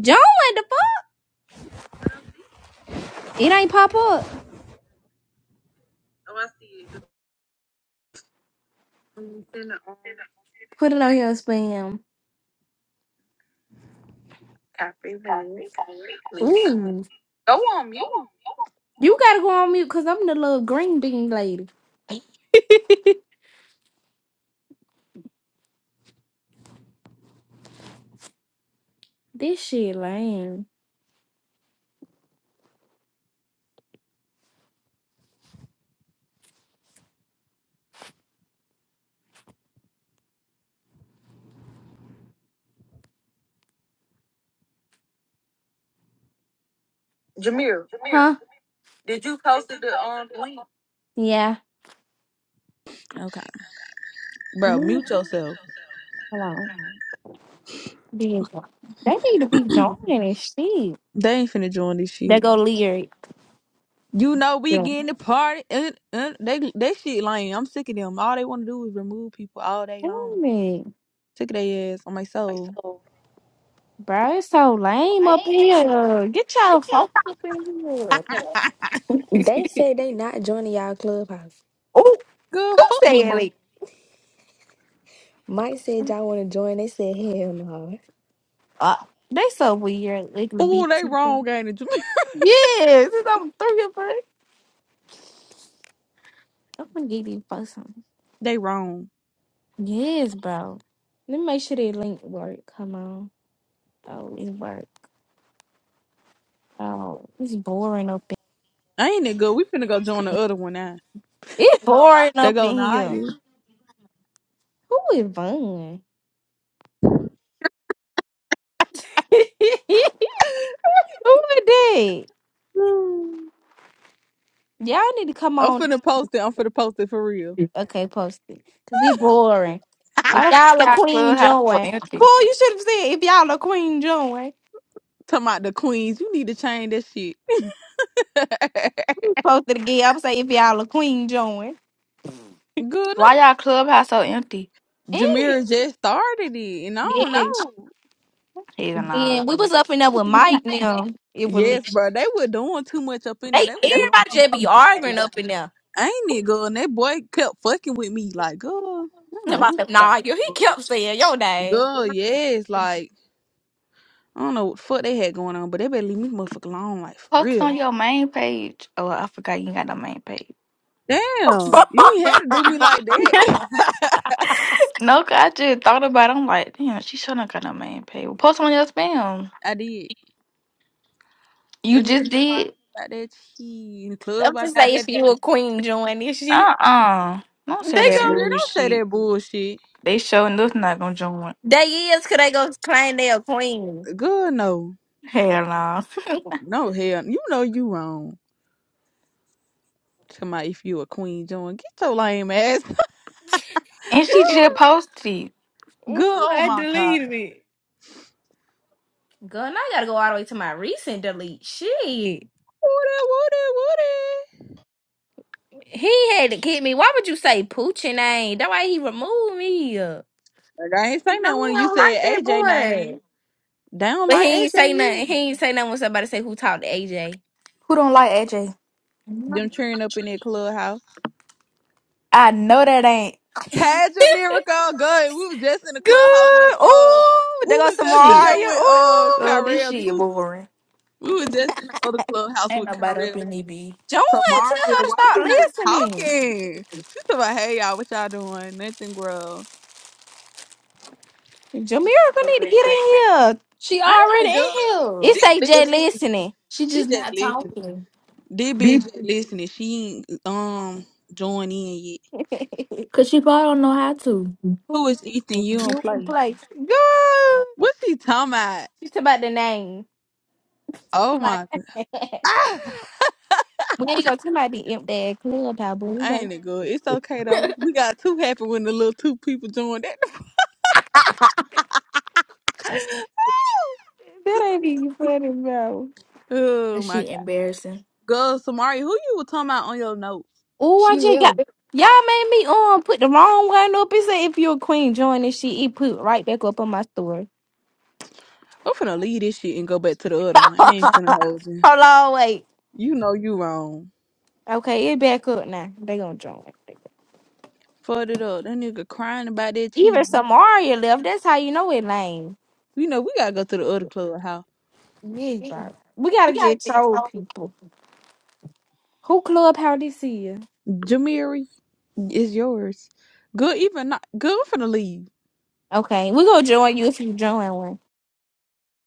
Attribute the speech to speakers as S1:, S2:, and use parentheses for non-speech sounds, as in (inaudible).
S1: John, what the fuck? It ain't pop up. Put it on your spam. link. Ooh. You gotta go on mute because I'm the little green bean lady. This shit lame. Huh? Yeah.
S2: Okay. Bro,
S1: Ooh,
S2: mute yourself.
S1: Hold on. Beautiful. They need to be
S2: (clears throat)
S1: going and shit.
S2: They ain't finna join this
S1: They
S2: shit.
S1: go lyric.
S2: You know we
S1: Yeah.
S2: getting the party and, and they they shit lame. I'm sick of them. All they wanna do is remove people all day long.
S1: Damn it.
S2: Sick of their ass on my soul.
S1: Bro, it's so lame up here. Get y'all fuck up in here.
S3: They
S1: (laughs)
S3: said they not joining y'all clubhouse.
S1: oh,
S2: Good
S1: who's
S2: fuck them
S1: saying
S2: boys.
S1: it?
S3: Mike said y'all want to join. They said hell no.
S1: Uh, they so weird. Like the
S2: Ooh,
S1: beat.
S2: they wrong, ain't it?
S1: Yes, it's over three of us. I'm gonna get you for something.
S2: (laughs) they wrong.
S1: Yes, bro. Let me make sure that link work. Come on. Oh, it work. Oh, it's boring up in
S2: Ain't it good? We finna go join the other one now.
S1: It's boring
S2: They
S1: up
S2: go
S1: in
S2: nah
S1: here.
S2: you.
S1: Who is Vaughn? (laughs) Who is that? Y'all need to come
S2: I'm
S1: on.
S2: finna post it. I'm finna post it for real.
S1: Okay, post it. Cause it's boring.
S4: Why
S1: If
S4: the fuck
S1: y'all are
S4: y'all
S1: Queen
S4: clubhouse so
S1: Joy.
S4: empty?
S1: Cool, you should have said if y'all are Queen Joy.
S2: Talking about the queens, you need to change that shit. (laughs) Good,
S1: Post it again. I'm saying if y'all are Queen Joy.
S4: Why
S2: no,
S4: y'all clubhouse so empty?
S1: And
S2: Jamira just started it, and I don't
S1: yeah,
S2: know.
S4: Hell no,
S1: Then we
S4: baby.
S1: was up in there with
S4: (laughs)
S1: Mike now. It was
S2: Yes, bro. They were doing too much up in there.
S1: they
S2: They were blowing
S1: everybody just
S2: me.
S1: be
S2: I ain't gonna
S1: arguing
S2: lie.
S1: up in there.
S2: I ain't need girl, and that boy kept fucking with me. Like, girl, I don't
S1: Talk
S2: know
S1: about
S2: who you
S1: some,
S2: thought
S1: nah, you
S2: that
S1: he
S2: was.
S1: kept saying your name.
S2: Girl, yes, like I don't know what the fuck they had going on, but they better leave me motherfucker alone, like for
S4: Post it
S2: real.
S4: on your main page. Oh, I forgot you ain't got no main page.
S1: (laughs)
S2: Damn, you ain't had to do me like that.
S4: No, 'cause I just thought about it. I'm like, damn, she sure not got no main page. Well, Post it on your spam.
S2: (laughs) I did.
S4: You
S2: That nigga
S4: just
S2: crying
S4: did.
S2: about that cheese in the
S1: I'm
S2: club. I got
S1: just
S2: that.
S1: saying if you
S2: down.
S1: a queen join this shit.
S4: Uh uh Don't
S1: They
S4: say that
S1: go
S2: Man, don't say
S4: bullshit.
S2: that bullshit.
S4: They showing sure enough not gonna join.
S1: they is could they go claim they a queen.
S2: Girl, no,
S4: Hell no.
S2: no hell, you know you wrong. Somebody, if you a queen, John, get your lame ass
S4: And she
S1: (laughs)
S4: just posted it.
S2: Good.
S1: Ooh,
S2: Oh
S1: I
S2: my God.
S1: deleted it. Girl, now I gotta go all the way to my recent delete. Shit.
S2: Woody, Woody, Woody.
S1: He had to kick me. Why would you say Poochie name? That why he removed me. No,
S2: Like, I ain't
S1: I
S2: saying that when you
S1: don't like
S2: said
S1: that
S2: AJ
S1: boy.
S2: name. They don't
S1: But
S2: like
S1: he
S2: AJ.
S1: ain't say nothing. He
S2: either.
S1: ain't say nothing when somebody say who talked to AJ.
S4: Who don't like AJ?
S2: Them
S1: Good.
S2: cheering up in that clubhouse.
S4: I know that ain't. (laughs)
S2: Had your miracle. Good. We was just in the clubhouse with uh.
S1: Ooh,
S2: We
S1: there goes
S2: was just in
S4: shit.
S2: there
S1: Samaria.
S2: with uh
S1: Ooh.
S4: Oh, this
S2: Kyrell
S4: shit
S2: too.
S4: boring.
S2: We was just in the other clubhouse
S4: Ain't
S2: with
S4: nobody
S2: Kyrell.
S4: up in EB.
S1: Joanne, tell
S2: Samaria,
S1: her to
S2: why
S1: start
S2: you not
S1: listening.
S2: talking? She talking about, hey y'all, what y'all doing? Nothing, girl.
S1: Jamaica need to
S4: Okay.
S1: get in here.
S4: She
S2: I
S4: already
S2: ain't been
S4: in
S2: good.
S4: here.
S2: She
S1: It's
S4: She
S1: AJ
S2: listening.
S4: just,
S1: listening.
S4: she
S2: She
S4: just
S2: just
S4: not
S2: listening.
S4: talking.
S2: This bitch just listening. She ain't um joined in yet.
S1: (laughs)
S4: Cause she probably don't know how to.
S1: who
S2: Who is
S1: was
S2: Ethan?
S1: eating?
S2: You don't
S1: You in
S2: play.
S1: place. Good.
S2: What's he talking about?
S1: She's talking about the name.
S2: Oh
S1: My-
S2: my god.
S1: (laughs) we
S2: Ah,
S1: ain't gonna talk about the imp dad club, but we
S2: I
S1: gonna
S2: ain't it good. It's okay though. We got two happy when the little two people joined that. (laughs) Oh,
S1: That
S2: It's so
S1: ain't even
S2: stupid.
S1: funny, bro.
S2: Oh
S4: That
S2: my
S4: shit
S2: god.
S4: embarrassing.
S2: Girl, Samari, who you were talking about on your notes?
S1: Oh, I
S4: She
S1: just got
S4: will.
S1: y'all made me um put the wrong one up. It said if you're a queen, join this shit. It put right back up on my story.
S2: I'm finna leave this shit and go back to the other one.
S1: (laughs)
S2: I
S1: Hold
S2: ain't finna hold you.
S1: on, wait.
S2: You know you wrong.
S1: Okay, it back up now. They gonna join.
S2: Fucked it up. That nigga crying about that
S1: Even
S2: cheese.
S1: Samaria left. That's how you know it lame.
S2: You know, we gotta go to the other clubhouse.
S1: Yeah, bro. We
S4: We
S1: gotta
S4: gotta
S1: just
S4: be
S1: troll
S4: told.
S1: people. Who club how this is?
S2: Jamiri, it's yours. Good even not good. I'm finna leave.
S1: Okay, we gonna join you if you join one.